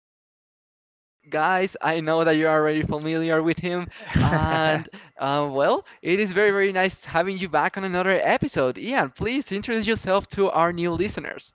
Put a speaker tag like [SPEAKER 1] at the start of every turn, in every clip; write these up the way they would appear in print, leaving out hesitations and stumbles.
[SPEAKER 1] very, very special guest. Guys, I know that you're already familiar with him, and uh, well, it is very, very nice having you back on another episode. Ian, please introduce yourself to our new listeners.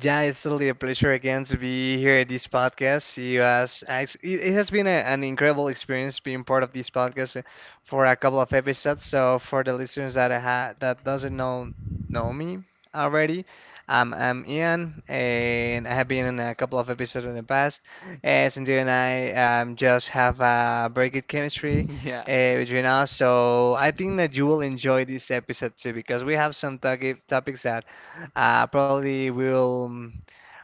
[SPEAKER 2] Yeah, it's totally a pleasure again to be here at this podcast. It has been an incredible experience being part of this podcast, for a couple of episodes. So for the listeners that I ha that doesn't know me already, I'm Ian, and I have been in a couple of episodes in the past. Cynthia and I, just have a very good chemistry,
[SPEAKER 1] Yeah,
[SPEAKER 2] between us. So I think that you will enjoy this episode too because we have some topics that, probably will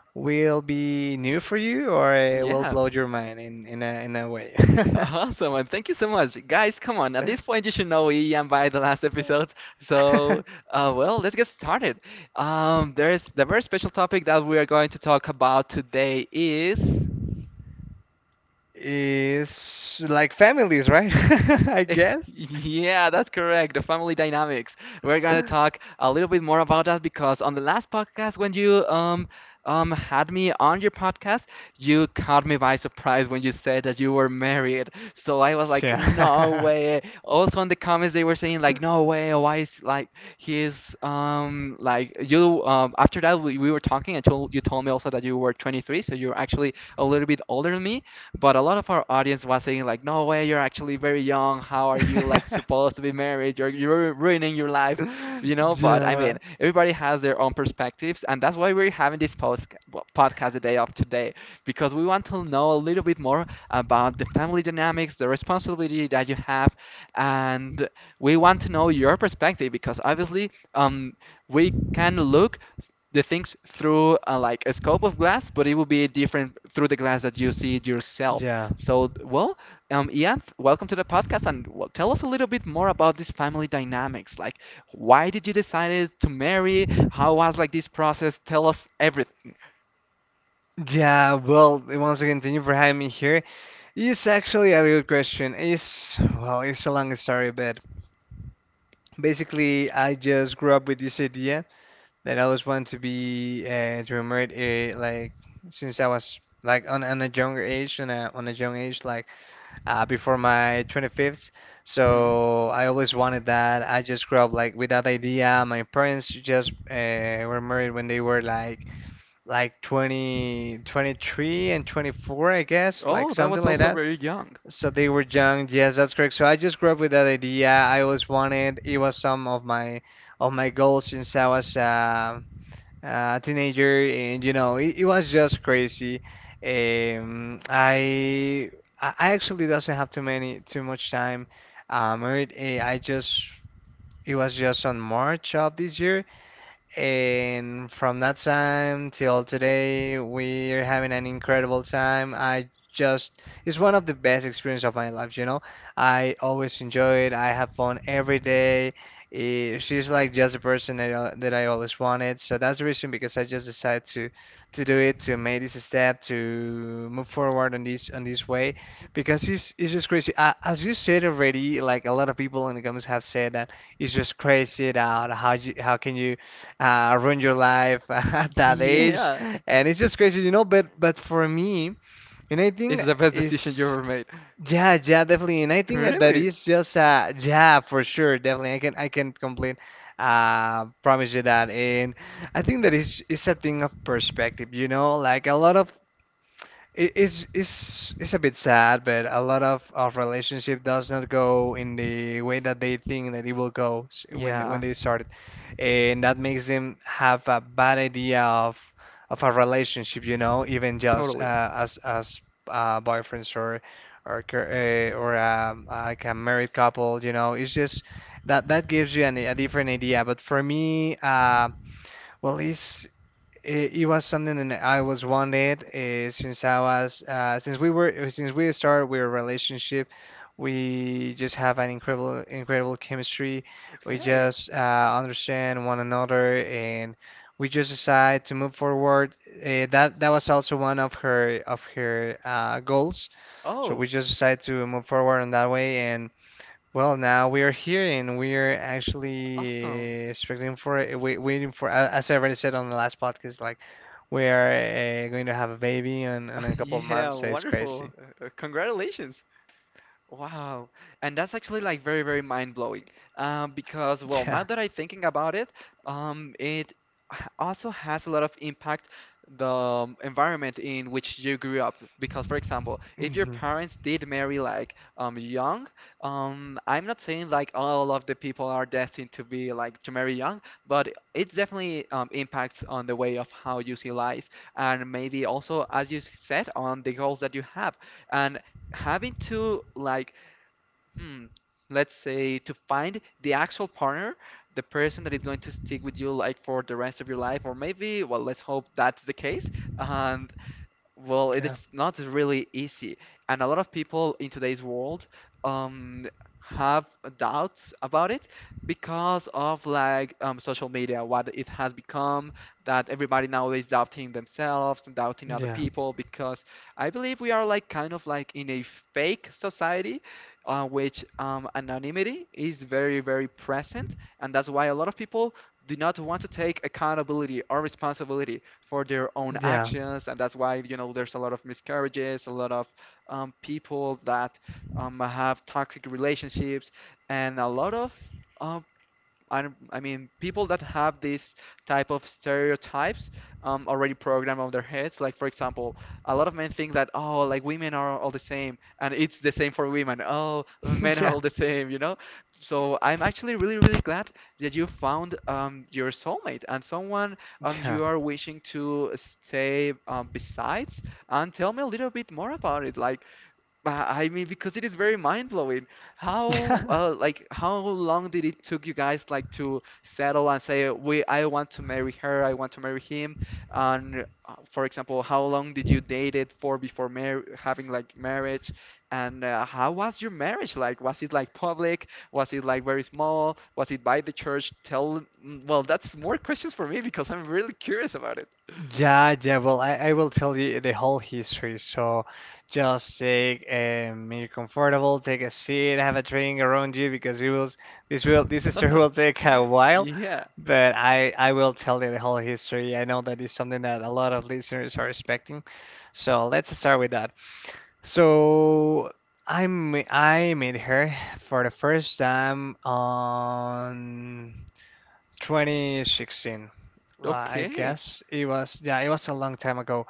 [SPEAKER 2] will be new for you or it will
[SPEAKER 1] yeah.
[SPEAKER 2] blow your mind in a way.
[SPEAKER 1] Awesome, and thank you so much. Guys, come on. At this point, you should know Ian by the last episode. So let's get started. There's the very special topic that we are going to talk about today is
[SPEAKER 2] Is like families, right? I guess.
[SPEAKER 1] yeah, that's correct. The family dynamics. We're gonna talk a little bit more about that because on the last podcast, when you had me on your podcast, you caught me by surprise when you said that you were married. So I was like, no
[SPEAKER 2] Yeah.
[SPEAKER 1] way. Also in the comments, they were saying like, no way. Why is like he's like you. After that we were talking and told me also that you were 23, so you're actually a little bit older than me, but a lot of our audience was saying like, "No way, you're actually very young. How are you like supposed to be married? You're ruining your life," you know. But I
[SPEAKER 2] Yeah.
[SPEAKER 1] mean, everybody has their own perspectives, and that's why we're having this podcast the day of today because we want to know a little bit more about the family dynamics, the responsibility that you have, and we want to know your perspective because obviously, we can look the things through like a scope of glass, but it will be different through the glass that you see it yourself.
[SPEAKER 2] Yeah.
[SPEAKER 1] So, Ian, welcome to the podcast, and well, tell us a little bit more about this family dynamics. Like, why did you decide to marry? How was like this process? Tell us everything.
[SPEAKER 2] Yeah. Well, once again, thank you for having me here. It's actually a good question. Well, it's a long story, but basically, I just grew up with this idea that I always wanted to be, to remember it, like, since I was like on a younger age, on a young age, like, before my 25th,
[SPEAKER 1] Mhm.
[SPEAKER 2] so I always wanted that. I just grew up like with that idea. My parents just, were married when they were like 20, 23 and 24, I guess, like
[SPEAKER 1] Oh, that
[SPEAKER 2] something
[SPEAKER 1] was
[SPEAKER 2] like
[SPEAKER 1] also
[SPEAKER 2] that.
[SPEAKER 1] very young.
[SPEAKER 2] So they were young. Yes, that's correct. So I just grew up with that idea. I always wanted It was some of my goals since I was, teenager, and, you know, it was just crazy. Um, I I actually doesn't have too much time, married. Eh, I just it was just on March of this year, and from that time till today, we're having an incredible time. It's one of the best experience of my life, you know. I always enjoy it. I have fun every day. She's like just the person that I always wanted. So that's the reason because I just decided to do it, to make this step, to move forward on this way, because it's just crazy. As you said already, like, a lot of people in the comments have said that it's just crazy that how can you, ruin your life at that age,
[SPEAKER 1] Yeah,
[SPEAKER 2] and it's just crazy, you know. But for me, and I think
[SPEAKER 1] it's the best decision you
[SPEAKER 2] is,
[SPEAKER 1] ever made.
[SPEAKER 2] yeah, yeah, definitely. And I think that that
[SPEAKER 1] Really?
[SPEAKER 2] is just, yeah, for sure, definitely. I can promise you that, and I think that is it's a thing of perspective, you know. Like, a lot of it is it's a bit sad, but a lot of relationship does not go in the way that they think that it will go when
[SPEAKER 1] Yeah,
[SPEAKER 2] they started, and that makes them have a bad idea of a relationship, you know, even just,
[SPEAKER 1] totally.
[SPEAKER 2] as, boyfriends or like, a married couple, you know. It's just that that gives you a different idea. But for me, well, it was something that I was wanted, since I was since we started our relationship. We just have an incredible, incredible chemistry. We
[SPEAKER 1] Okay.
[SPEAKER 2] just, understand one another, and we just decide to move forward. That was also one of her goals. So
[SPEAKER 1] Oh,
[SPEAKER 2] we just decided to move forward in that way, and, well, now we are here and we are
[SPEAKER 1] awesome.
[SPEAKER 2] actually expecting for it, waiting for, as I already said on the last podcast, like, we are, going to have a baby in a couple of
[SPEAKER 1] Yeah,
[SPEAKER 2] months, so it's
[SPEAKER 1] wonderful.
[SPEAKER 2] crazy.
[SPEAKER 1] Congratulations. Wow. And that's actually like very, very mind-blowing. Because, well, now
[SPEAKER 2] Yeah.
[SPEAKER 1] that I'm thinking about it, it also has a lot of impact, the environment in which you grew up. Because, for example, if your
[SPEAKER 2] Hmm.
[SPEAKER 1] parents did marry like young, I'm not saying like all of the people are destined to be like to marry young, but it definitely impacts on the way of how you see life, and maybe also, as you said, on the goals that you have. And having to like hmm, let's say to find the actual partner, the person that is going to stick with you like for the rest of your life, or maybe, well, let's hope that's the case and. Well, it
[SPEAKER 2] Yeah.
[SPEAKER 1] is not really easy, and a lot of people in today's world um, have doubts about it because of like social media, what it has become, that everybody nowadays doubting themselves and doubting other
[SPEAKER 2] Yeah.
[SPEAKER 1] people because I believe we are like kind of like in a fake society, which anonymity is very, very present, and that's why a lot of people do not want to take accountability or responsibility for their own
[SPEAKER 2] Yeah.
[SPEAKER 1] actions, and that's why you know there's a lot of miscarriages, a lot of people that have toxic relationships, and a lot of uh, I, I mean, people that have these type of stereotypes already programmed on their heads. Like, for example, a lot of men think that, oh, like women are all the same, and it's the same for women. Oh, men are
[SPEAKER 2] Yeah.
[SPEAKER 1] all the same, you know? So I'm actually really, really glad that you found your soulmate and someone
[SPEAKER 2] Yeah.
[SPEAKER 1] you are wishing to stay besides. And tell me a little bit more about it. Like, I mean, because it is very mind-blowing. How,
[SPEAKER 2] Yeah.
[SPEAKER 1] like, how long did it took you guys like to settle and say, "We, I want to marry her, I want to marry him"? And for example, how long did you date it for before mar having like marriage? And how was your marriage like? Was it like public? Was it like very small? Was it by the church? Tell, that's more questions for me because I'm really curious about it.
[SPEAKER 2] Yeah, yeah, well, I will tell you the whole history. So, just take, you're comfortable, take a seat, have a drink around you, because it will this story will take a while,
[SPEAKER 1] Yeah.
[SPEAKER 2] but I will tell you the whole history. I know that is something that a lot of listeners are expecting. So let's start with that. So I met her for the first time on 2016. I
[SPEAKER 1] Okay.
[SPEAKER 2] guess it was, yeah, it was a long time ago.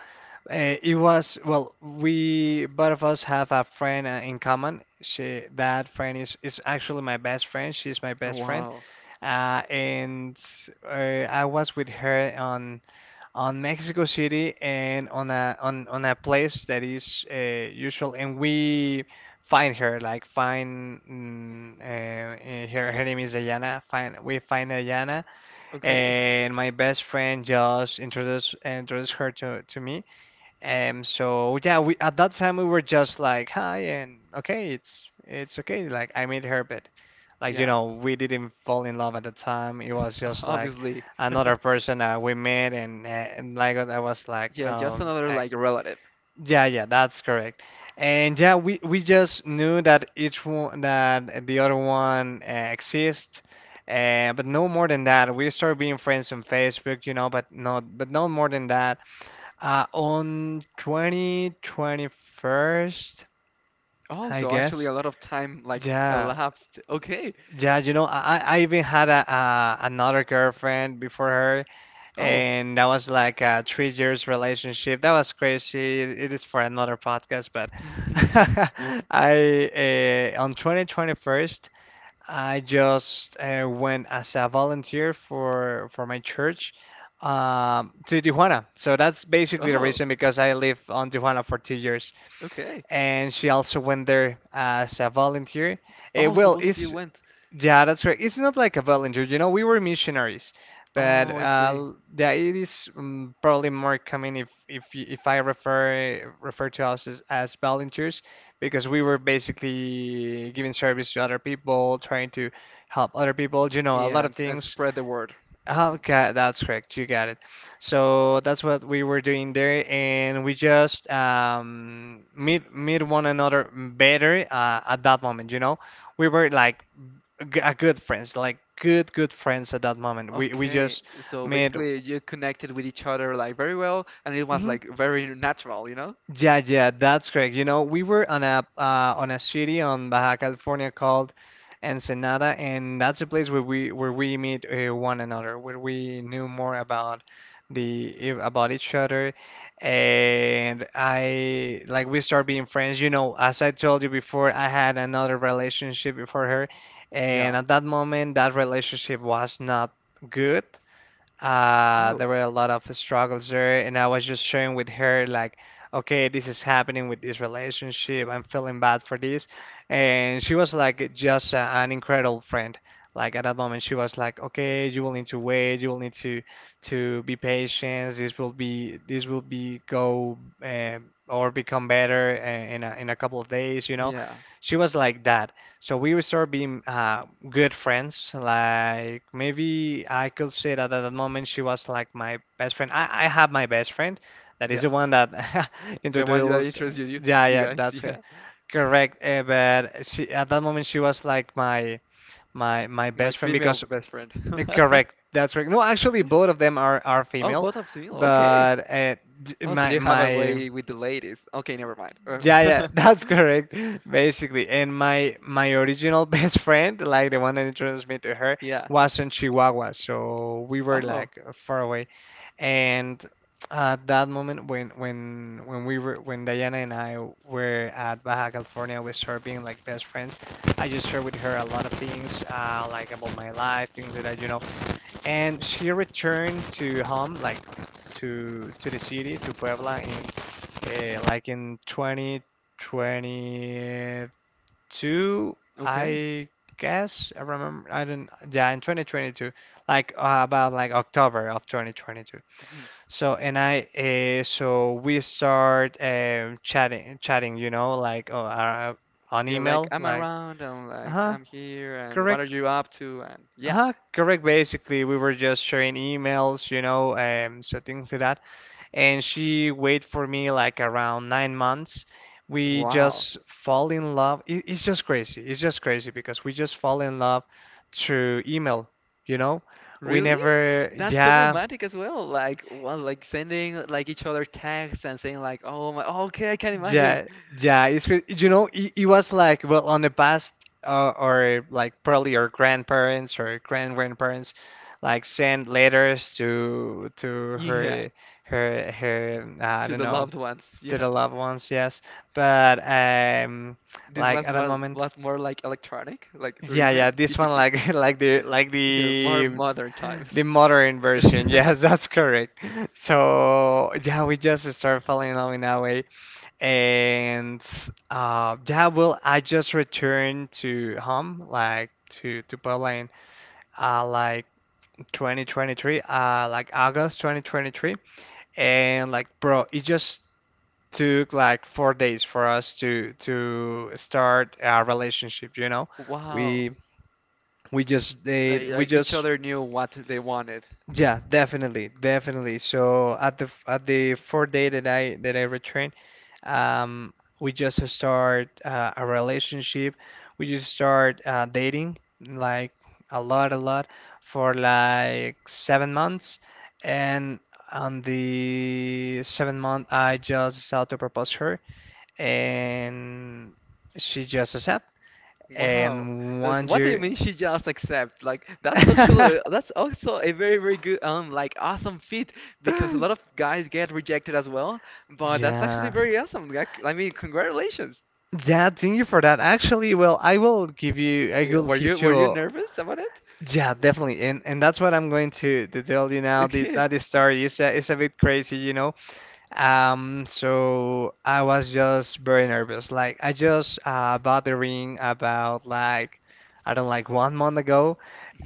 [SPEAKER 2] Well, we both of us have a friend, in common. That friend is actually my best friend. She's my best friend.
[SPEAKER 1] Wow.
[SPEAKER 2] And uh, I was with her on Mexico City and on a place that is, usual. And we find her. Her name is Ayana. Find we find Ayana,
[SPEAKER 1] Okay.
[SPEAKER 2] and my best friend just introduced her to me. And so, yeah, we at that time we were just like, hi, and, okay, it's okay. Like, I met her, but, like,
[SPEAKER 1] Yeah,
[SPEAKER 2] we didn't fall in love at the time. It was just like
[SPEAKER 1] obviously.
[SPEAKER 2] another person, we met, and, like I was like
[SPEAKER 1] Yeah, just
[SPEAKER 2] um
[SPEAKER 1] another
[SPEAKER 2] like
[SPEAKER 1] like relative.
[SPEAKER 2] yeah, yeah, that's correct. And, yeah, we just knew that each one that the other one, exists, but no more than that. We started being friends on Facebook, you know, but not but no more than that. On 2021,
[SPEAKER 1] Oh,
[SPEAKER 2] I
[SPEAKER 1] so actually
[SPEAKER 2] guess.
[SPEAKER 1] a lot of time like
[SPEAKER 2] Yeah,
[SPEAKER 1] elapsed. Okay.
[SPEAKER 2] yeah, I even had a another girlfriend before her,
[SPEAKER 1] Oh.
[SPEAKER 2] and that was like a 3 years relationship. That was crazy. It is for another podcast, but I on 2021, I just, went as a volunteer for my church, to Tijuana. So that's basically the
[SPEAKER 1] Oh,
[SPEAKER 2] reason because I lived on Tijuana for 2 years,
[SPEAKER 1] okay.
[SPEAKER 2] and she also went there as a volunteer. Eh,
[SPEAKER 1] Oh, so
[SPEAKER 2] well,
[SPEAKER 1] both of you
[SPEAKER 2] it's
[SPEAKER 1] went.
[SPEAKER 2] yeah, that's right. It's not like a volunteer, you know, we were missionaries, but,
[SPEAKER 1] Oh, I see.
[SPEAKER 2] the it is, probably more common if I refer to us as volunteers, because we were basically giving service to other people, trying to help other people, you know, a
[SPEAKER 1] Yeah,
[SPEAKER 2] lot
[SPEAKER 1] and,
[SPEAKER 2] of
[SPEAKER 1] and
[SPEAKER 2] things.
[SPEAKER 1] spread the word. Mhm.
[SPEAKER 2] Okay, that's correct. You got it. So that's what we were doing there, and we just, meet one another better, at that moment, we were like, a good friends, like, good, good friends at that moment. We
[SPEAKER 1] Okay,
[SPEAKER 2] just
[SPEAKER 1] so
[SPEAKER 2] made.
[SPEAKER 1] basically you connected with each other like very well, and it was
[SPEAKER 2] Mhm.
[SPEAKER 1] like very natural, you know?
[SPEAKER 2] Yeah, yeah, that's correct. You know, we were on a, city on Baja California called Ensenada, and that's a place where we meet, one another, where we knew more about the each other, and I like, we start being friends. You know, as I told you before, I had another relationship before her,
[SPEAKER 1] Yeah.
[SPEAKER 2] and at that moment, that relationship was not good. Uh,
[SPEAKER 1] Oh,
[SPEAKER 2] there were a lot of struggles there, and I was just sharing with her like, okay, this is happening with this relationship. I'm feeling bad for this. And she was like just an incredible friend. Like, at that moment, she was like, okay, you will need to wait. You will need to be patient. This will be go or become better, in a couple of days. You know,
[SPEAKER 1] yeah,
[SPEAKER 2] she was like that. So we started being, good friends. Like, maybe I could say that at that moment she was like my best friend. I have my best friend that is
[SPEAKER 1] yeah.
[SPEAKER 2] the one that
[SPEAKER 1] The one that
[SPEAKER 2] introduced.
[SPEAKER 1] interests you, you
[SPEAKER 2] Yeah,
[SPEAKER 1] you
[SPEAKER 2] yeah,
[SPEAKER 1] guys.
[SPEAKER 2] that's it.
[SPEAKER 1] Yeah,
[SPEAKER 2] Correct, but she at that moment she was like my
[SPEAKER 1] my
[SPEAKER 2] best friend,
[SPEAKER 1] female
[SPEAKER 2] because,
[SPEAKER 1] best friend.
[SPEAKER 2] correct, that's correct. No, actually, both of them are
[SPEAKER 1] Oh,
[SPEAKER 2] female,
[SPEAKER 1] both are civil. Okay.
[SPEAKER 2] but, d-
[SPEAKER 1] Oh, so
[SPEAKER 2] my
[SPEAKER 1] you have a
[SPEAKER 2] my
[SPEAKER 1] way with the ladies. Okay, never mind.
[SPEAKER 2] yeah, yeah, that's correct. Basically, and my original best friend, like, the one that introduced me to her,
[SPEAKER 1] Yeah.
[SPEAKER 2] was in Chihuahua, so we were
[SPEAKER 1] Oh,
[SPEAKER 2] like far away. And at that moment, when Diana and I were at Baja California with her being like best friends, I just shared with her a lot of things, like, about my life, things that I, you know and she returned to home, like, to the city, to Puebla, in, like, in 2022,
[SPEAKER 1] okay.
[SPEAKER 2] I guess. I remember, I don't, yeah, in 2022, like, about, like, October of 2022.
[SPEAKER 1] Mhm.
[SPEAKER 2] So and I, so we start, chatting, chatting, like, oh, on
[SPEAKER 1] Yeah, like
[SPEAKER 2] email,
[SPEAKER 1] I'm
[SPEAKER 2] like,
[SPEAKER 1] around and like
[SPEAKER 2] uh-huh,
[SPEAKER 1] I'm here and what are
[SPEAKER 2] correct.
[SPEAKER 1] you up to? And yeah.
[SPEAKER 2] Correct. Basically, we were just sharing emails, you know, so, things like that. And she waited for me, like, around 9 months. We
[SPEAKER 1] Wow.
[SPEAKER 2] just fall in love. It's just crazy. It's just crazy because we just fall in love through email, you know. We
[SPEAKER 1] Really?
[SPEAKER 2] never,
[SPEAKER 1] That's so
[SPEAKER 2] yeah.
[SPEAKER 1] romantic as well. Like, well, like sending like each other texts and saying like, "Oh my, oh, okay, I can imagine."
[SPEAKER 2] Yeah, yeah. You know it, it was like well on the past or like probably your grandparents or grandparents like send letters to
[SPEAKER 1] Yeah,
[SPEAKER 2] her her. I
[SPEAKER 1] to
[SPEAKER 2] don't
[SPEAKER 1] the
[SPEAKER 2] know.
[SPEAKER 1] loved ones.
[SPEAKER 2] To
[SPEAKER 1] Yeah.
[SPEAKER 2] the loved ones, yes, but
[SPEAKER 1] This
[SPEAKER 2] like at that moment.
[SPEAKER 1] was more like electronic, like through
[SPEAKER 2] Yeah,
[SPEAKER 1] email.
[SPEAKER 2] yeah, this one, like like the like
[SPEAKER 1] Here, more
[SPEAKER 2] the
[SPEAKER 1] modern times.
[SPEAKER 2] the modern version. Yes, that's correct. So yeah, we just start falling in love in that way, and yeah, well, I just returned to home, like to Poland, like 2023, like August 2023, and like, bro, it just took like 4 days for us to start our relationship, you know?
[SPEAKER 1] Wow.
[SPEAKER 2] We we just did, we
[SPEAKER 1] Like each
[SPEAKER 2] just.
[SPEAKER 1] other knew what they wanted.
[SPEAKER 2] Yeah, definitely, definitely. So at the at the fourth day that I returned, um, we just start a relationship. We just start dating like a lot, a lot, for like 7 months, and on the seventh month, I just decided to propose her, and she just accept.
[SPEAKER 1] Wow.
[SPEAKER 2] And
[SPEAKER 1] Like,
[SPEAKER 2] one
[SPEAKER 1] what do you
[SPEAKER 2] year,
[SPEAKER 1] mean she just accept? Like that's social that's also a very very good like awesome feat because a lot of guys get rejected as well, but that's actually
[SPEAKER 2] yeah.
[SPEAKER 1] very awesome. Like, I mean, congratulations.
[SPEAKER 2] Yeah, thank you for that. Actually, well, I will give you, I
[SPEAKER 1] Yeah,
[SPEAKER 2] will give
[SPEAKER 1] were
[SPEAKER 2] you,
[SPEAKER 1] you
[SPEAKER 2] a-
[SPEAKER 1] nervous about it?
[SPEAKER 2] Yeah, definitely, and that's what I'm going to tell you now.
[SPEAKER 1] Okay.
[SPEAKER 2] That story is a bit crazy, you know. So I was just very nervous. Like I just bought the ring about like, I don't, like 1 month ago,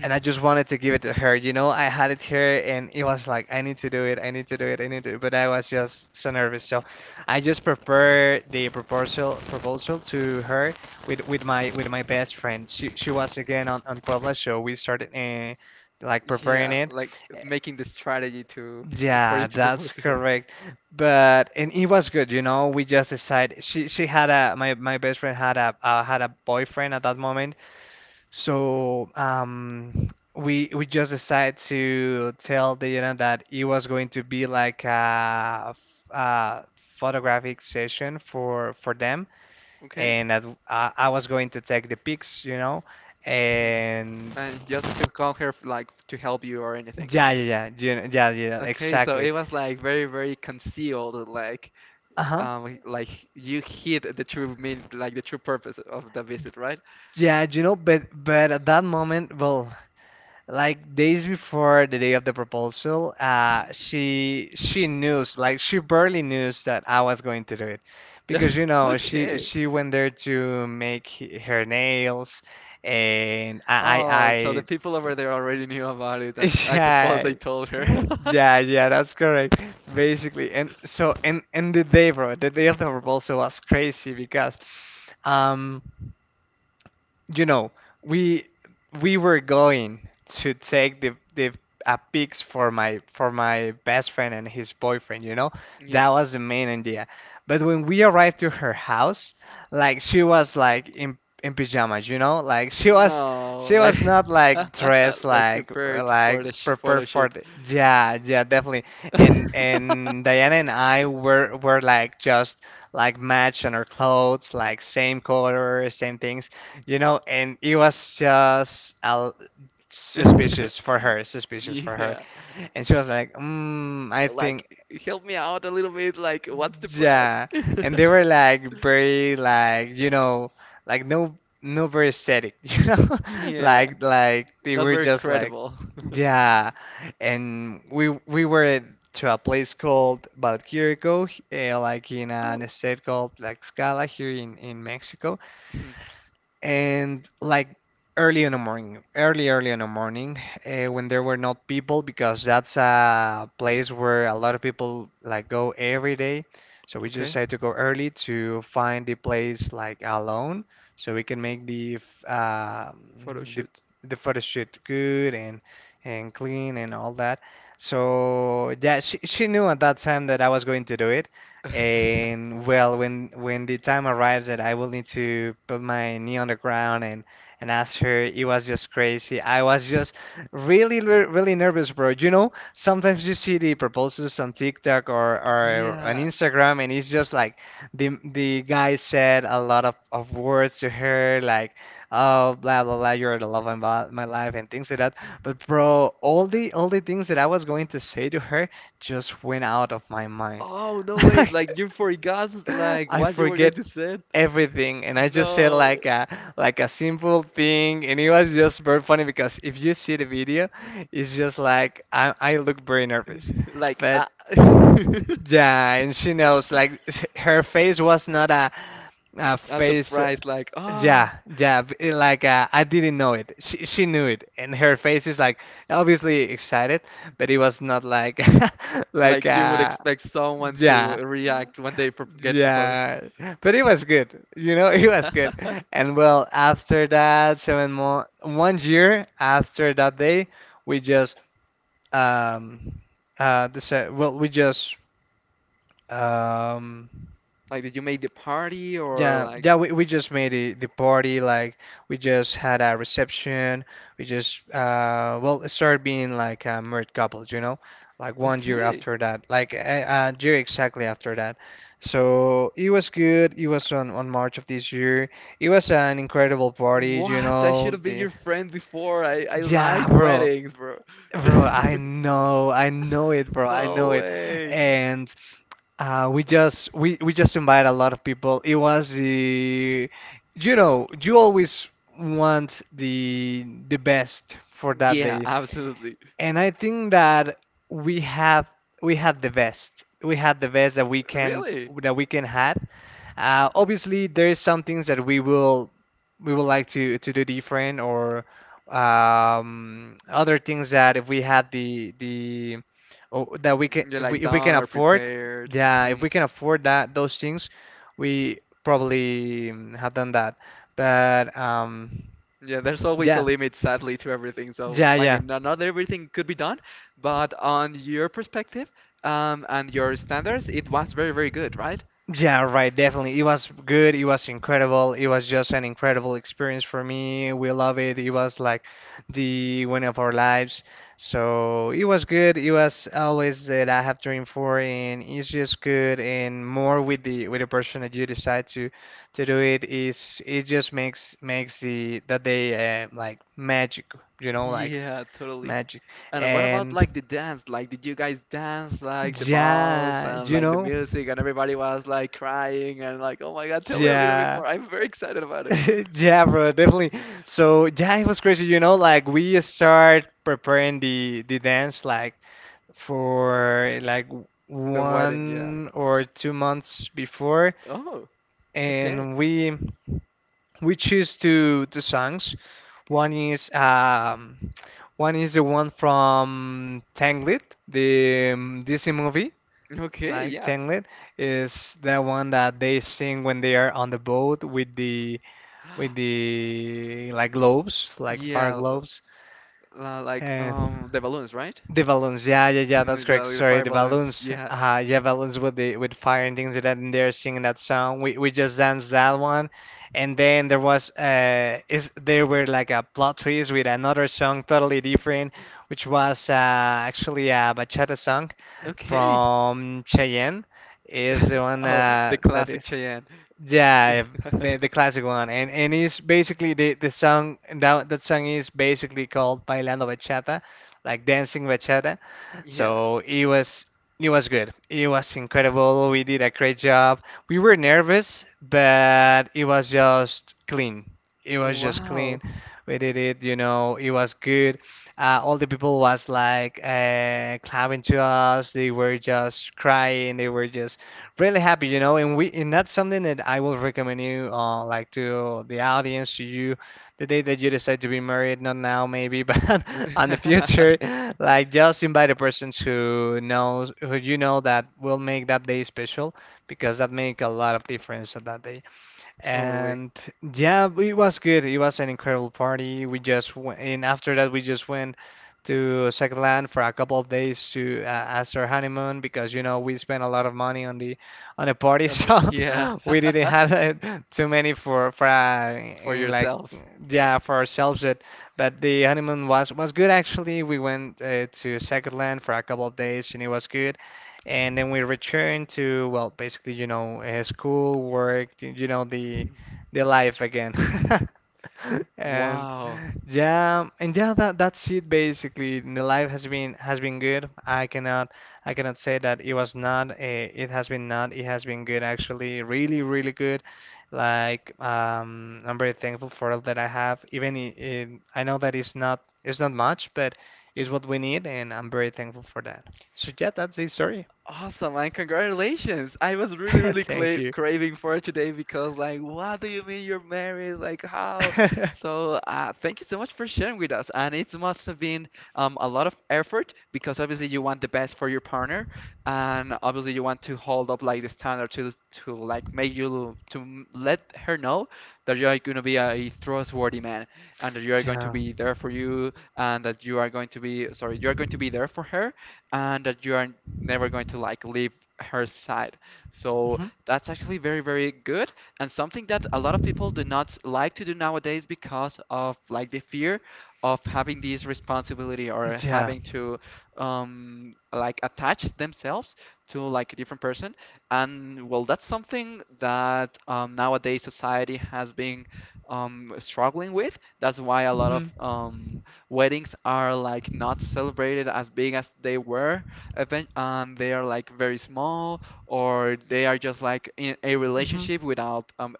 [SPEAKER 2] and I just wanted to give it to her. You know, I had it here, and it was like, I need to do it. I need to do it. I need to. But I was just so nervous. So I just prepared the proposal to her with my best friend. She was again on Puebla, so we started like preparing
[SPEAKER 1] Yeah,
[SPEAKER 2] it.
[SPEAKER 1] like making the strategy to for you
[SPEAKER 2] Yeah,
[SPEAKER 1] to
[SPEAKER 2] that's
[SPEAKER 1] propose to her.
[SPEAKER 2] correct. But and it was good, you know. We just decided, she had a my best friend had a had a boyfriend at that moment, so we just decided to tell Diana that it was going to be like a, a
[SPEAKER 1] Mm,
[SPEAKER 2] photographic session for them,
[SPEAKER 1] Okay.
[SPEAKER 2] and that I was going to take the pics, you know,
[SPEAKER 1] Mhm.
[SPEAKER 2] and
[SPEAKER 1] And just to call her like to help you or anything.
[SPEAKER 2] yeah, yeah, yeah, you know, yeah, yeah,
[SPEAKER 1] Okay, so
[SPEAKER 2] exactly.
[SPEAKER 1] it was like very, very concealed,
[SPEAKER 2] Uh huh.
[SPEAKER 1] like you hid the true mean, like the true purpose of the visit, right?
[SPEAKER 2] Yeah, you know, but at that moment, well, like days before the day of the proposal,
[SPEAKER 1] Mhm.
[SPEAKER 2] she knew, like she barely knew that I was going to do it, because you know she
[SPEAKER 1] Okay.
[SPEAKER 2] she went there to make her nails, and I
[SPEAKER 1] Oh, so the
[SPEAKER 2] I,
[SPEAKER 1] people over there already knew about it,
[SPEAKER 2] I
[SPEAKER 1] and I suppose they told her.
[SPEAKER 2] yeah. Yeah, yeah, that's correct. Basically, and so and the day, bro, the day of the proposal was crazy because, um. you know, we we were going to take the a pics for my best friend and his boyfriend, you know?
[SPEAKER 1] Yeah.
[SPEAKER 2] That was the main idea. But when we arrived to her house, like she was like in pajamas, you know?
[SPEAKER 1] No,
[SPEAKER 2] She
[SPEAKER 1] like
[SPEAKER 2] was not like dressed
[SPEAKER 1] like
[SPEAKER 2] like
[SPEAKER 1] prepared for
[SPEAKER 2] like
[SPEAKER 1] the sh photo
[SPEAKER 2] prepared for
[SPEAKER 1] shoot.
[SPEAKER 2] the, yeah, yeah, definitely. And Diana and I were like just like match on our clothes, like same color, same things. You know, and it was just suspicious for her, suspicious for her.
[SPEAKER 1] Yeah.
[SPEAKER 2] And she was like, mm, I
[SPEAKER 1] Like,
[SPEAKER 2] think,
[SPEAKER 1] help me out a little bit. Like, what's the plan?
[SPEAKER 2] yeah. And they were like very, like, you know, like no, no very aesthetic, you know?
[SPEAKER 1] Yeah.
[SPEAKER 2] Like they
[SPEAKER 1] Not
[SPEAKER 2] were
[SPEAKER 1] very
[SPEAKER 2] just like,
[SPEAKER 1] credible.
[SPEAKER 2] yeah. And we were to a place called Valquírico, like in an
[SPEAKER 1] Oh.
[SPEAKER 2] estate called like Scala here in Mexico. And like early in the morning, early, early in the morning, when there were not people, because that's a place where a lot of people like go every day. So we just
[SPEAKER 1] Okay,
[SPEAKER 2] had to go early to find the place like alone, so we can make the
[SPEAKER 1] photo shoot.
[SPEAKER 2] the photo shoot good and clean and all that. So yeah, she knew at that time that I was going to do it. And well, when the time arrives that I will need to put my knee on the ground and ask her, it was just crazy. I was just really nervous, bro. You know, sometimes you see the proposals on TikTok or on
[SPEAKER 1] Yeah.
[SPEAKER 2] Instagram, and it's just like the guy said a lot of words to her, like, oh, blah blah blah, you're the love of my life and things like that. But bro, all the things that I was going to say to her just went out of my mind.
[SPEAKER 1] Oh no way! Like you forgot like
[SPEAKER 2] I
[SPEAKER 1] what you were going
[SPEAKER 2] forget
[SPEAKER 1] to say?
[SPEAKER 2] everything, and I just said
[SPEAKER 1] No.
[SPEAKER 2] like a, like a simple thing, and it was just very funny because if you see the video, it's just like I look very nervous,
[SPEAKER 1] Like
[SPEAKER 2] but
[SPEAKER 1] I'm
[SPEAKER 2] yeah, and she knows like her face was not a, a face.
[SPEAKER 1] surprised like oh
[SPEAKER 2] Yeah, yeah, it like I didn't know it. She knew it, and her face is like obviously excited, but it was not like like
[SPEAKER 1] like you would
[SPEAKER 2] uh
[SPEAKER 1] expect someone to
[SPEAKER 2] yeah.
[SPEAKER 1] react when they get proposed.
[SPEAKER 2] Yeah, but it was good. You know, it was good. And well, after that, 7 month, one year after that day, we just um uh this well, we just um
[SPEAKER 1] Like did you make the party or
[SPEAKER 2] Yeah, yeah,
[SPEAKER 1] like
[SPEAKER 2] we just made the party like, we just had a reception. We just well, it started being like a married couples, you know, like one year
[SPEAKER 1] okay.
[SPEAKER 2] after that, like a year exactly after that. So it was good. It was on March of this year. It was an incredible party, you
[SPEAKER 1] What? I should
[SPEAKER 2] know.
[SPEAKER 1] have been
[SPEAKER 2] The
[SPEAKER 1] your friend before. I
[SPEAKER 2] Yeah,
[SPEAKER 1] like
[SPEAKER 2] bro,
[SPEAKER 1] weddings, bro.
[SPEAKER 2] bro, I know it, bro, I know
[SPEAKER 1] No
[SPEAKER 2] it,
[SPEAKER 1] way.
[SPEAKER 2] and. We just we just invite a lot of people. It was the You know, you always want the best for that
[SPEAKER 1] Yeah,
[SPEAKER 2] day.
[SPEAKER 1] absolutely.
[SPEAKER 2] And I think that we have we had the best. We had the best that we can,
[SPEAKER 1] Really?
[SPEAKER 2] that we can have. Obviously, there is some things that we would like to do different, or other things that if we had the or that we can,
[SPEAKER 1] You're like
[SPEAKER 2] if we can
[SPEAKER 1] done or
[SPEAKER 2] afford,
[SPEAKER 1] prepared.
[SPEAKER 2] yeah, if
[SPEAKER 1] Mhm.
[SPEAKER 2] we can afford that those things, we probably mm, have done that. But
[SPEAKER 1] Yeah, there's always a
[SPEAKER 2] yeah,
[SPEAKER 1] limit, sadly, to everything. So,
[SPEAKER 2] yeah,
[SPEAKER 1] I
[SPEAKER 2] yeah.
[SPEAKER 1] mean, not everything could be done, but on your perspective, and your standards, it was very, very good, right?
[SPEAKER 2] Yeah, right, definitely. It was good. It was incredible. It was just an incredible experience for me. We love it. It was like the win of our lives. So it was good. It was always that I have dreamed for, and it's just good. And more with the person that you decide to do it, is, it just makes makes the that day like magic, you know, like
[SPEAKER 1] Yeah, totally.
[SPEAKER 2] magic.
[SPEAKER 1] And what about
[SPEAKER 2] And
[SPEAKER 1] like the dance? Like, did you guys dance like the balls
[SPEAKER 2] yeah,
[SPEAKER 1] and
[SPEAKER 2] you
[SPEAKER 1] like the
[SPEAKER 2] know,
[SPEAKER 1] music and everybody was like crying and like, oh my God, tell me a little bit
[SPEAKER 2] yeah.
[SPEAKER 1] more. I'm very excited about it.
[SPEAKER 2] Yeah, bro, definitely. So yeah, it was crazy, you know, like we start preparing the dance like for like
[SPEAKER 1] The wedding, yeah.
[SPEAKER 2] 1 or 2 months before,
[SPEAKER 1] Oh, okay.
[SPEAKER 2] and we choose two songs. One is um one is the one from Tangled, the Disney movie.
[SPEAKER 1] Okay,
[SPEAKER 2] Like
[SPEAKER 1] yeah.
[SPEAKER 2] Tangled is the one that they sing when they are on the boat with the like globes, like fire
[SPEAKER 1] Yeah,
[SPEAKER 2] globes,
[SPEAKER 1] like
[SPEAKER 2] and
[SPEAKER 1] the balloons, right?
[SPEAKER 2] the balloons. Yeah, yeah, yeah. That's correct.
[SPEAKER 1] The
[SPEAKER 2] Sorry,
[SPEAKER 1] fire
[SPEAKER 2] the
[SPEAKER 1] balloons.
[SPEAKER 2] balloons.
[SPEAKER 1] Yeah.
[SPEAKER 2] Yeah, balloons with the with fire and things like that. And they're singing that song. We just danced that one, and then there was is there were like a plot twist with another song totally different, which was actually a bachata song
[SPEAKER 1] Okay.
[SPEAKER 2] from Cheyenne. Is the one
[SPEAKER 1] Oh, the
[SPEAKER 2] that
[SPEAKER 1] classic
[SPEAKER 2] is.
[SPEAKER 1] Cheyenne.
[SPEAKER 2] Yeah, yeah, the classic one, and it's basically the song that that song is basically called Bailando Bachata, like dancing bachata.
[SPEAKER 1] Yeah.
[SPEAKER 2] So it was good. It was incredible. We did a great job. We were nervous, but it was just clean. It was just
[SPEAKER 1] Wow.
[SPEAKER 2] clean. We did it, you know. It was good. All the people was like clapping to us. They were just crying. They were just really happy, you know, and we and that's something that I will recommend you, like to the audience, to you, the day that you decide to be married, not now maybe, but on the future, like just invite the persons who knows, who you know that will make that day special, because that make a lot of difference on that day.
[SPEAKER 1] Totally.
[SPEAKER 2] And yeah, it was good. It was an incredible party. We just went, and after that, we just went to second land for a couple of days to as our honeymoon, because you know we spent a lot of money on the party,
[SPEAKER 1] And the-
[SPEAKER 2] so
[SPEAKER 1] yeah.
[SPEAKER 2] we didn't have too many
[SPEAKER 1] For
[SPEAKER 2] like,
[SPEAKER 1] yourselves.
[SPEAKER 2] yeah, for ourselves. But the honeymoon was good actually. We went to second land for a couple of days, and it was good, and then we return to, well, basically, you know, school, work, you know, the life again. And
[SPEAKER 1] Wow.
[SPEAKER 2] and yeah, that's it basically. The life has been good. I cannot say that it was not. It has been not. It has been good actually. Really, really good. Like I'm very thankful for all that I have. Even I know that it's not much, but it's what we need, and I'm very thankful for that. So yeah, that's the story.
[SPEAKER 1] Awesome, and congratulations. I was really, really
[SPEAKER 2] Thank
[SPEAKER 1] cla
[SPEAKER 2] you.
[SPEAKER 1] craving for it today because, like, what do you mean you're married? Like, how? So, thank you so much for sharing with us. And it must have been a lot of effort because obviously you want the best for your partner, and obviously you want to hold up like the standard to like make you to let her know that you are gonna be a trustworthy man and that you are going to
[SPEAKER 2] Yeah.
[SPEAKER 1] be there for you and that you are going to be sorry, you are going to be there for her and that you are never going to like leave her side. So
[SPEAKER 2] Mhm.
[SPEAKER 1] that's actually very, very good and something that a lot of people do not like to do nowadays because of like the fear of having this responsibility or
[SPEAKER 2] Yeah.
[SPEAKER 1] having to like attach themselves to like a different person. And well, that's something that nowadays society has been struggling with. That's why a lot
[SPEAKER 2] Mhm.
[SPEAKER 1] of weddings are like not celebrated as big as they were, even, and they are like very small, or they are just like in a
[SPEAKER 2] Mhm.
[SPEAKER 1] relationship without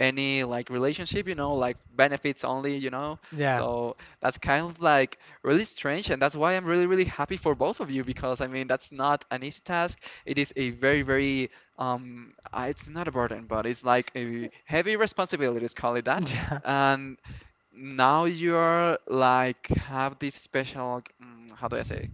[SPEAKER 1] any like relationship, you know, like benefits only, you know.
[SPEAKER 2] Yeah.
[SPEAKER 1] So that's kind of like really strange, and that's why I'm really, really happy for both of you because I mean that's not an easy task. It is a very, very it's not a burden, but it's like a heavy responsibility, let's call it that.
[SPEAKER 2] Yeah.
[SPEAKER 1] And now you're like have this special how do I say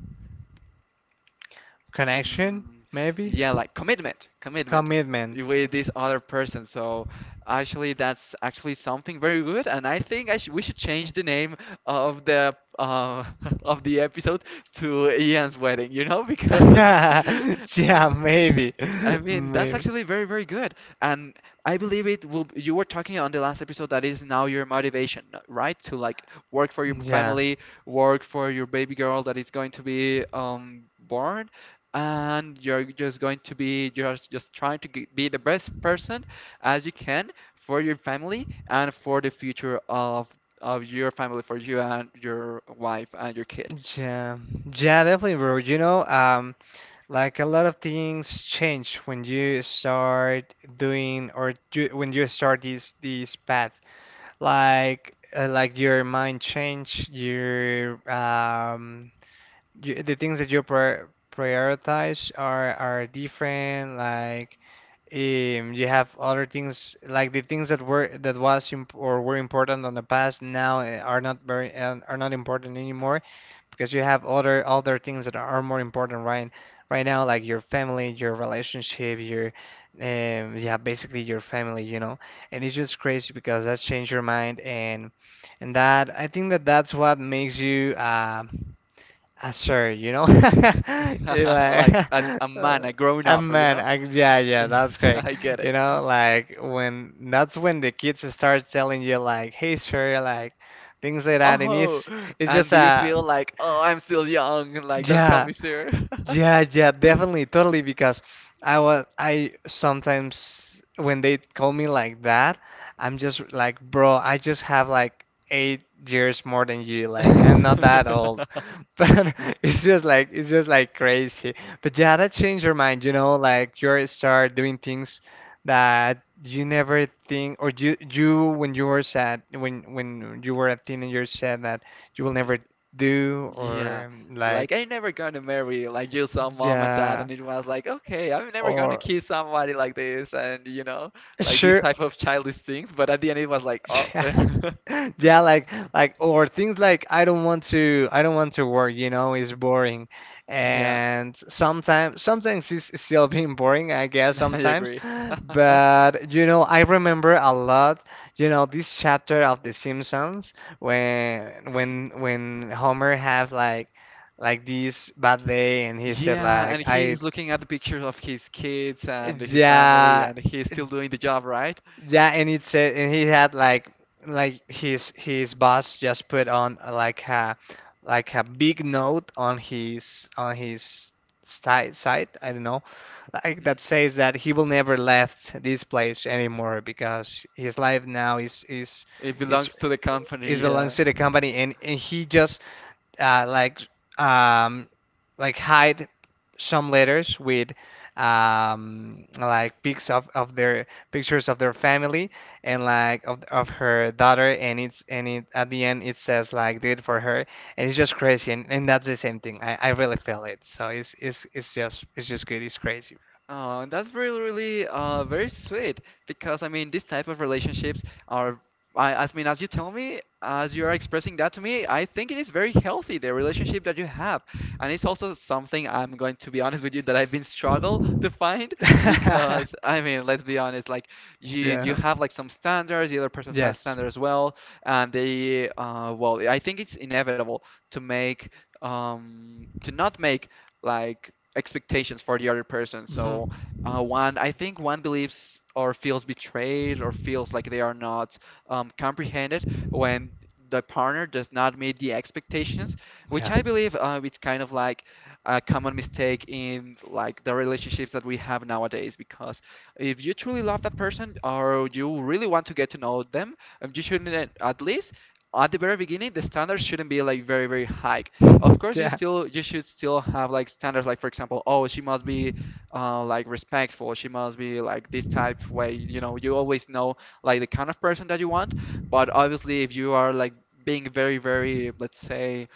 [SPEAKER 2] Connection,
[SPEAKER 1] mm,
[SPEAKER 2] maybe?
[SPEAKER 1] yeah, like commitment
[SPEAKER 2] Commitment.
[SPEAKER 1] with this other person. So actually that's actually something very good, and I think I sh we should change the name of the of the episode to Ian's wedding, because
[SPEAKER 2] Yeah, maybe.
[SPEAKER 1] I mean, that's
[SPEAKER 2] Maybe.
[SPEAKER 1] actually very, very good. And I believe it will, you were talking on the last episode that is now your motivation, right? To like work for your
[SPEAKER 2] Yeah.
[SPEAKER 1] family, work for your baby girl that is going to be born, and you're just going to be just trying to g be the best person as you can for your family and for the future of your family, for you and your wife and your kid.
[SPEAKER 2] Yeah. Yeah, definitely, bro. Like a lot of things change when you start doing or do, when you start this path. Like your mind change, your you, the things that you prioritize are different. Like you have other things, like the things that were that was imp or were important on the past now are not important anymore because you have other things that are more important right now, like your family, your relationship, your yeah, basically your family, you know. And it's just crazy because that's changed your mind and that I think that that's what makes you. Sure, you know, You're like,
[SPEAKER 1] Like a man,
[SPEAKER 2] uh,
[SPEAKER 1] a grown up, you
[SPEAKER 2] man,
[SPEAKER 1] know?
[SPEAKER 2] yeah, yeah, that's correct.
[SPEAKER 1] I get
[SPEAKER 2] You
[SPEAKER 1] it.
[SPEAKER 2] know, like when that's when the kids start telling you like, hey, sir, like things like that, and
[SPEAKER 1] Oh,
[SPEAKER 2] it's it's
[SPEAKER 1] and
[SPEAKER 2] just
[SPEAKER 1] do you
[SPEAKER 2] a
[SPEAKER 1] feel like, oh, I'm still young, like, don't call
[SPEAKER 2] yeah,
[SPEAKER 1] me sir?
[SPEAKER 2] yeah, yeah, definitely, totally, because I was I sometimes when they call me like that, I'm just like, bro, I just have like 8 years more than you. Like, I'm not that old. But it's just like crazy. But yeah, that changed your mind, you know, like you start doing things that you never think or you when you were sad when you were a teenager said that you will never do or
[SPEAKER 1] Yeah, like
[SPEAKER 2] like
[SPEAKER 1] I never gonna marry like you saw mom and dad,
[SPEAKER 2] yeah
[SPEAKER 1] and it was like, okay, I'm never gonna
[SPEAKER 2] or
[SPEAKER 1] kiss somebody like this, and you know, like these
[SPEAKER 2] sure
[SPEAKER 1] type of childish things. But at the end, it was like, oh,
[SPEAKER 2] yeah yeah like or things like I don't want to work, you know, it's boring
[SPEAKER 1] yeah,
[SPEAKER 2] and sometimes it's still being boring, I guess
[SPEAKER 1] I
[SPEAKER 2] sometimes.
[SPEAKER 1] agree.
[SPEAKER 2] But you know, I remember a lot, you know, this chapter of The Simpsons when when Homer have like this bad day and he said
[SPEAKER 1] Yeah, and
[SPEAKER 2] like
[SPEAKER 1] he is
[SPEAKER 2] I
[SPEAKER 1] looking at the pictures of his kids and his family,
[SPEAKER 2] yeah.
[SPEAKER 1] and he's still doing the job, right?
[SPEAKER 2] Yeah, and it said, and he had like his boss just put on like a big note on his side site, I don't know, like
[SPEAKER 1] Mm-hmm.
[SPEAKER 2] that says that he will never left this place anymore because his life now
[SPEAKER 1] It
[SPEAKER 2] is
[SPEAKER 1] belongs to the
[SPEAKER 2] is
[SPEAKER 1] company,
[SPEAKER 2] belongs
[SPEAKER 1] yeah.
[SPEAKER 2] to the company, and he just uh, like um, like hide some letters with like pics of their family and like of her daughter, and it, at the end, it says like do it for her. And it's just crazy, and that's the same thing I really feel it. So it's just good, it's crazy.
[SPEAKER 1] Oh, that's really, really very sweet because I mean, these type of relationships are, I mean, as you tell me, as you are expressing that to me, I think it is very healthy, the relationship that you have. And it's also something I'm going to be honest with you that I've been struggle to find because I mean, let's be honest, like you
[SPEAKER 2] Yeah.
[SPEAKER 1] have like some standards, the other person has
[SPEAKER 2] Yes.
[SPEAKER 1] standards as well, and they, well, I think it's inevitable to make, to not make like expectations for the other person. So
[SPEAKER 2] Hmm.
[SPEAKER 1] one, I think one believes or feels betrayed or feels like they are not comprehended when the partner does not meet the expectations, which
[SPEAKER 2] Yeah.
[SPEAKER 1] I believe it's kind of like a common mistake in like the relationships that we have nowadays. Because if you truly love that person or you really want to get to know them, you shouldn't at least at the very beginning the standards shouldn't be like very very high. Of course,
[SPEAKER 2] Yeah.
[SPEAKER 1] you should still have like standards, like for example, oh, she must be like respectful, she must be like this type way. You know, you always know like the kind of person that you want. But obviously, if you are like being very, very, let's say,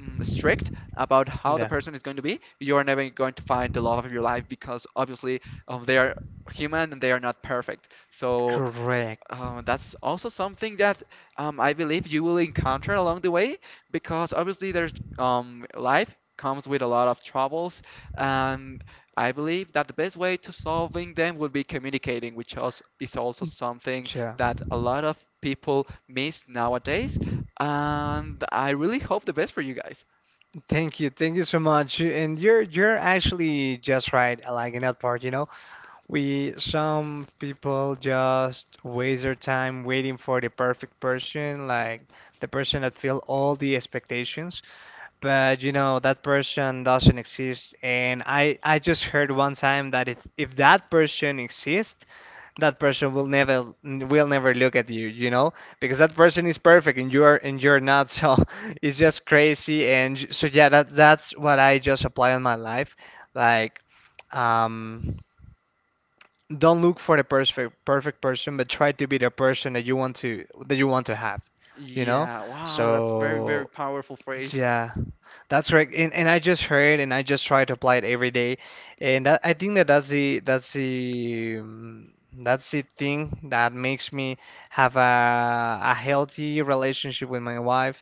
[SPEAKER 1] strict about how the
[SPEAKER 2] Yeah.
[SPEAKER 1] person is going to be, you are never going to find the love of your life because obviously they are human and they are not perfect. So
[SPEAKER 2] Correct.
[SPEAKER 1] that's also something that I believe you will encounter along the way because obviously there's life comes with a lot of troubles, and I believe that the best way to solving them would be communicating, which also is also something
[SPEAKER 2] Yeah.
[SPEAKER 1] that a lot of people miss nowadays. And I really hope the best for you guys.
[SPEAKER 2] Thank you so much. And you're actually just right, like in that part, you know. We Some people just waste their time waiting for the perfect person, like the person that fill all the expectations. But you know, that person doesn't exist. And I just heard one time that if that person exists, that person will never look at you, you know, because that person is perfect, and you're not. So it's just crazy, so yeah, that that's what I just apply on my life, like um don't look for the perfect person, but try to be the person that you want to have, you know.
[SPEAKER 1] Yeah, wow, that's very, very
[SPEAKER 2] So
[SPEAKER 1] powerful phrase.
[SPEAKER 2] yeah, that's correct. And I just heard, and I just try to apply it every day. And that, I think that that's the that's the thing that makes me have a healthy relationship with my wife.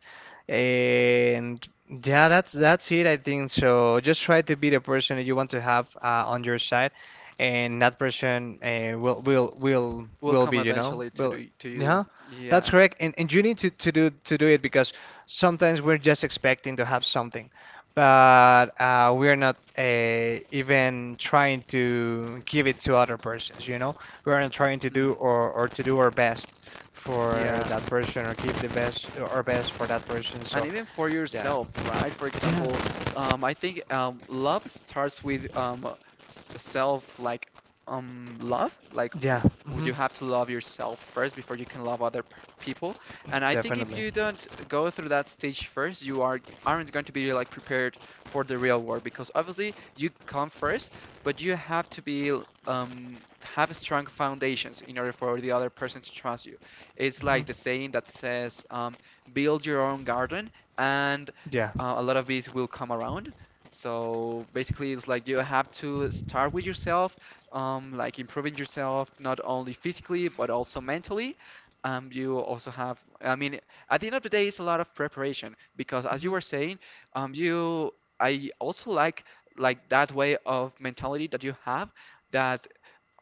[SPEAKER 2] And yeah, that's it, I think. So just try to be the person that you want to have on your side, and that person
[SPEAKER 1] Will
[SPEAKER 2] will
[SPEAKER 1] come
[SPEAKER 2] be, you know,
[SPEAKER 1] eventually to
[SPEAKER 2] will
[SPEAKER 1] the, to
[SPEAKER 2] yeah.
[SPEAKER 1] you.
[SPEAKER 2] That's
[SPEAKER 1] Yeah.
[SPEAKER 2] correct, and you need to do it because sometimes we're just expecting to have something, but we're not even trying to give it to other persons, you know? We're not trying to do
[SPEAKER 1] Hmm.
[SPEAKER 2] or to do our best for
[SPEAKER 1] Yeah,
[SPEAKER 2] that person or give the best our best for that person.
[SPEAKER 1] and
[SPEAKER 2] So
[SPEAKER 1] even for
[SPEAKER 2] yeah,
[SPEAKER 1] yourself, right? For example,
[SPEAKER 2] yeah,
[SPEAKER 1] I think love starts with self, like love. Like,
[SPEAKER 2] yeah,
[SPEAKER 1] would
[SPEAKER 2] hmm,
[SPEAKER 1] you have to love yourself first before you can love other p people? And I think if
[SPEAKER 2] definitely,
[SPEAKER 1] you don't go through that stage first, you are aren't going to be like prepared for the real world because obviously you come first, but you have to be um, have strong foundations in order for the other person to trust you. It's like the
[SPEAKER 2] hmm,
[SPEAKER 1] saying that says. Build your own garden, and
[SPEAKER 2] yeah,
[SPEAKER 1] a lot of bees will come around. So basically, it's like you have to start with yourself, like improving yourself not only physically but also mentally. You also have, I mean, at the end of the day, it's a lot of preparation because, as you
[SPEAKER 2] hmm,
[SPEAKER 1] were saying, um, you, I also like that way of mentality that you have. That.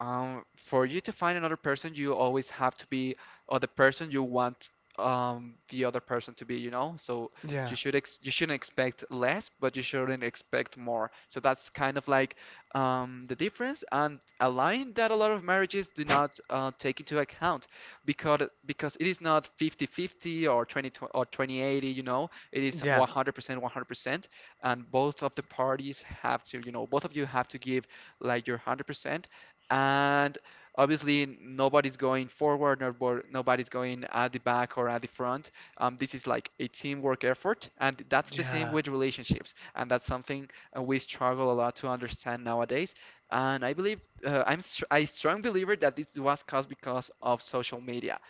[SPEAKER 1] For you to find another person, you always have to be or the person you want the other person to be, you know? So
[SPEAKER 2] yeah,
[SPEAKER 1] you shouldn't expect less, but you shouldn't expect more. So that's kind of like the difference and a line that a lot of marriages do not take into account because because it is not 50-50 or 20-80, you know? It is
[SPEAKER 2] yeah,
[SPEAKER 1] 100% 100%, and both of the parties have to, you know, both of you have to give like your 100%. And obviously nobody's going forward, nobody's going at the back or at the front. This is like a teamwork effort, and that's the same
[SPEAKER 2] yeah,
[SPEAKER 1] with relationships, and that's something we struggle a lot to understand nowadays. And I believe I'm str a strong believer that this was caused because of social media,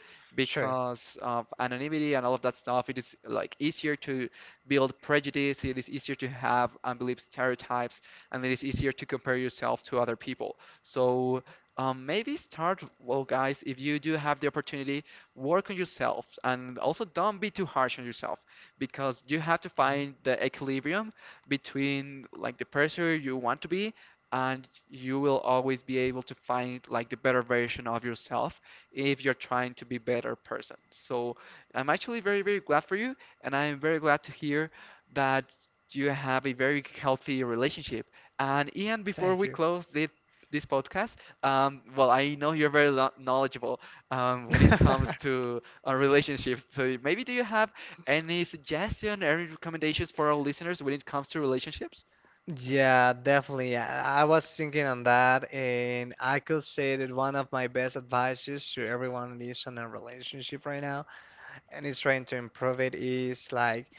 [SPEAKER 2] sure.
[SPEAKER 1] because of anonymity and all of that stuff. It is like easier to build prejudice, it is easier to have and believe stereotypes, and it is easier to compare yourself to other people. So maybe start, well, guys, if you do have the opportunity, work on yourself and also don't be too harsh on yourself because you have to
[SPEAKER 2] Hmm.
[SPEAKER 1] find the equilibrium between like the person you want to be, and you will always be able to find like the better version of yourself if you're trying to be better person. So I'm actually very, very glad for you, and I'm very glad to hear that you have a very healthy relationship. And Ian, before
[SPEAKER 2] Thank
[SPEAKER 1] we
[SPEAKER 2] you.
[SPEAKER 1] close this podcast. Well, I know you're very knowledgeable when it comes to relationships. So maybe do you have any suggestion, any recommendations for our listeners when it comes to relationships?
[SPEAKER 2] Yeah, definitely. Yeah, I was thinking on that, and I could say that one of my best advices to everyone that is on a relationship right now and is trying to improve it is like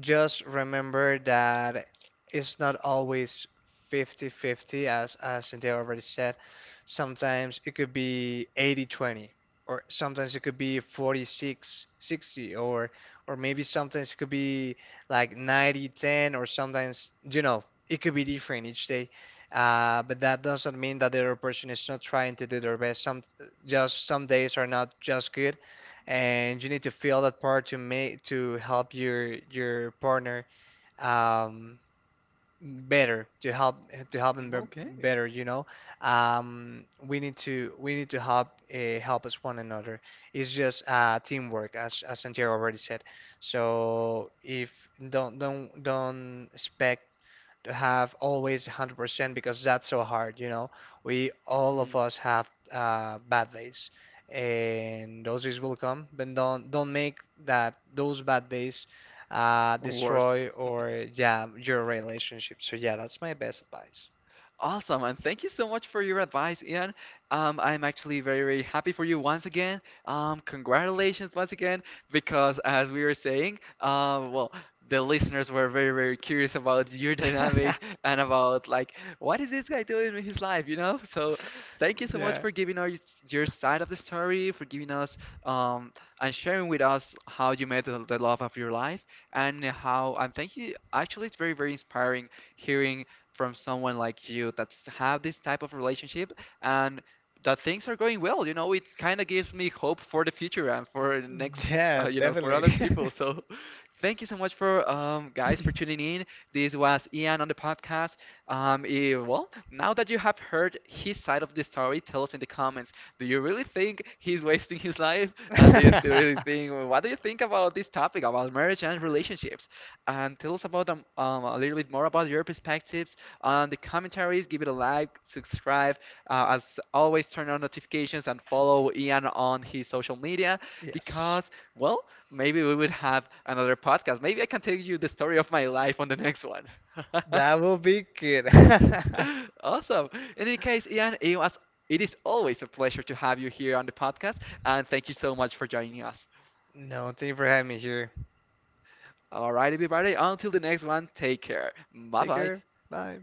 [SPEAKER 2] just remember that it's not always 50-50, as Cynthia already said. Sometimes it could be 80-20, or sometimes it could be 46-60, or maybe sometimes it could be like 90-10, or sometimes you know it could be different each day. But that doesn't mean that the other person is not trying to do their best. Some Just some days are not just good, and you need to feel that part to make to help your partner um, better, to help them
[SPEAKER 1] Mm, okay.
[SPEAKER 2] better, you know. We need to help help us one another. It's just teamwork, as Santiago already said. So if don't expect to have always 100% because that's so hard, you know. We all of
[SPEAKER 1] Hmm.
[SPEAKER 2] us have bad days, and those days will come. But don't make that those bad days
[SPEAKER 1] Or worse.
[SPEAKER 2] destroy or yeah your relationship. So yeah, that's my best advice.
[SPEAKER 1] Awesome, and thank you so much for your advice, Ian. I'm actually very, very happy for you once again. Congratulations once again, because as we were saying, well, the listeners were very, very curious about your dynamic and about like what is this guy doing with his life, you know? So thank you so much
[SPEAKER 2] Yeah,
[SPEAKER 1] for giving us your side of the story, for giving us um, and sharing with us how you met the love of your life and how and thank you. Actually, it's very, very inspiring hearing from someone like you that's have this type of relationship and that things are going well. You know, it kind of gives me hope for the future and for the next,
[SPEAKER 2] yeah,
[SPEAKER 1] you know, for
[SPEAKER 2] definitely.
[SPEAKER 1] other people. So thank you so much for guys for tuning in. This was Ian on the podcast. Eh, well, now that you have heard his side of the story, tell us in the comments. Do you really think he's wasting his life? And do you really think? What do you think about this topic about marriage and relationships? And tell us about a little bit more about your perspectives on the commentaries. Give it a like, subscribe. As always, turn on notifications and follow Ian on his social media
[SPEAKER 2] Yes,
[SPEAKER 1] because, well, maybe we would have another podcast. Maybe I can tell you the story of my life on the next one.
[SPEAKER 2] that will be good.
[SPEAKER 1] Awesome. In any case, Ian, it is always a pleasure to have you here on the podcast, and thank you so much for joining us.
[SPEAKER 2] No, thank you for having me here.
[SPEAKER 1] All right, everybody, until the next one, take care. Bye
[SPEAKER 2] Take
[SPEAKER 1] bye.
[SPEAKER 2] care. Bye.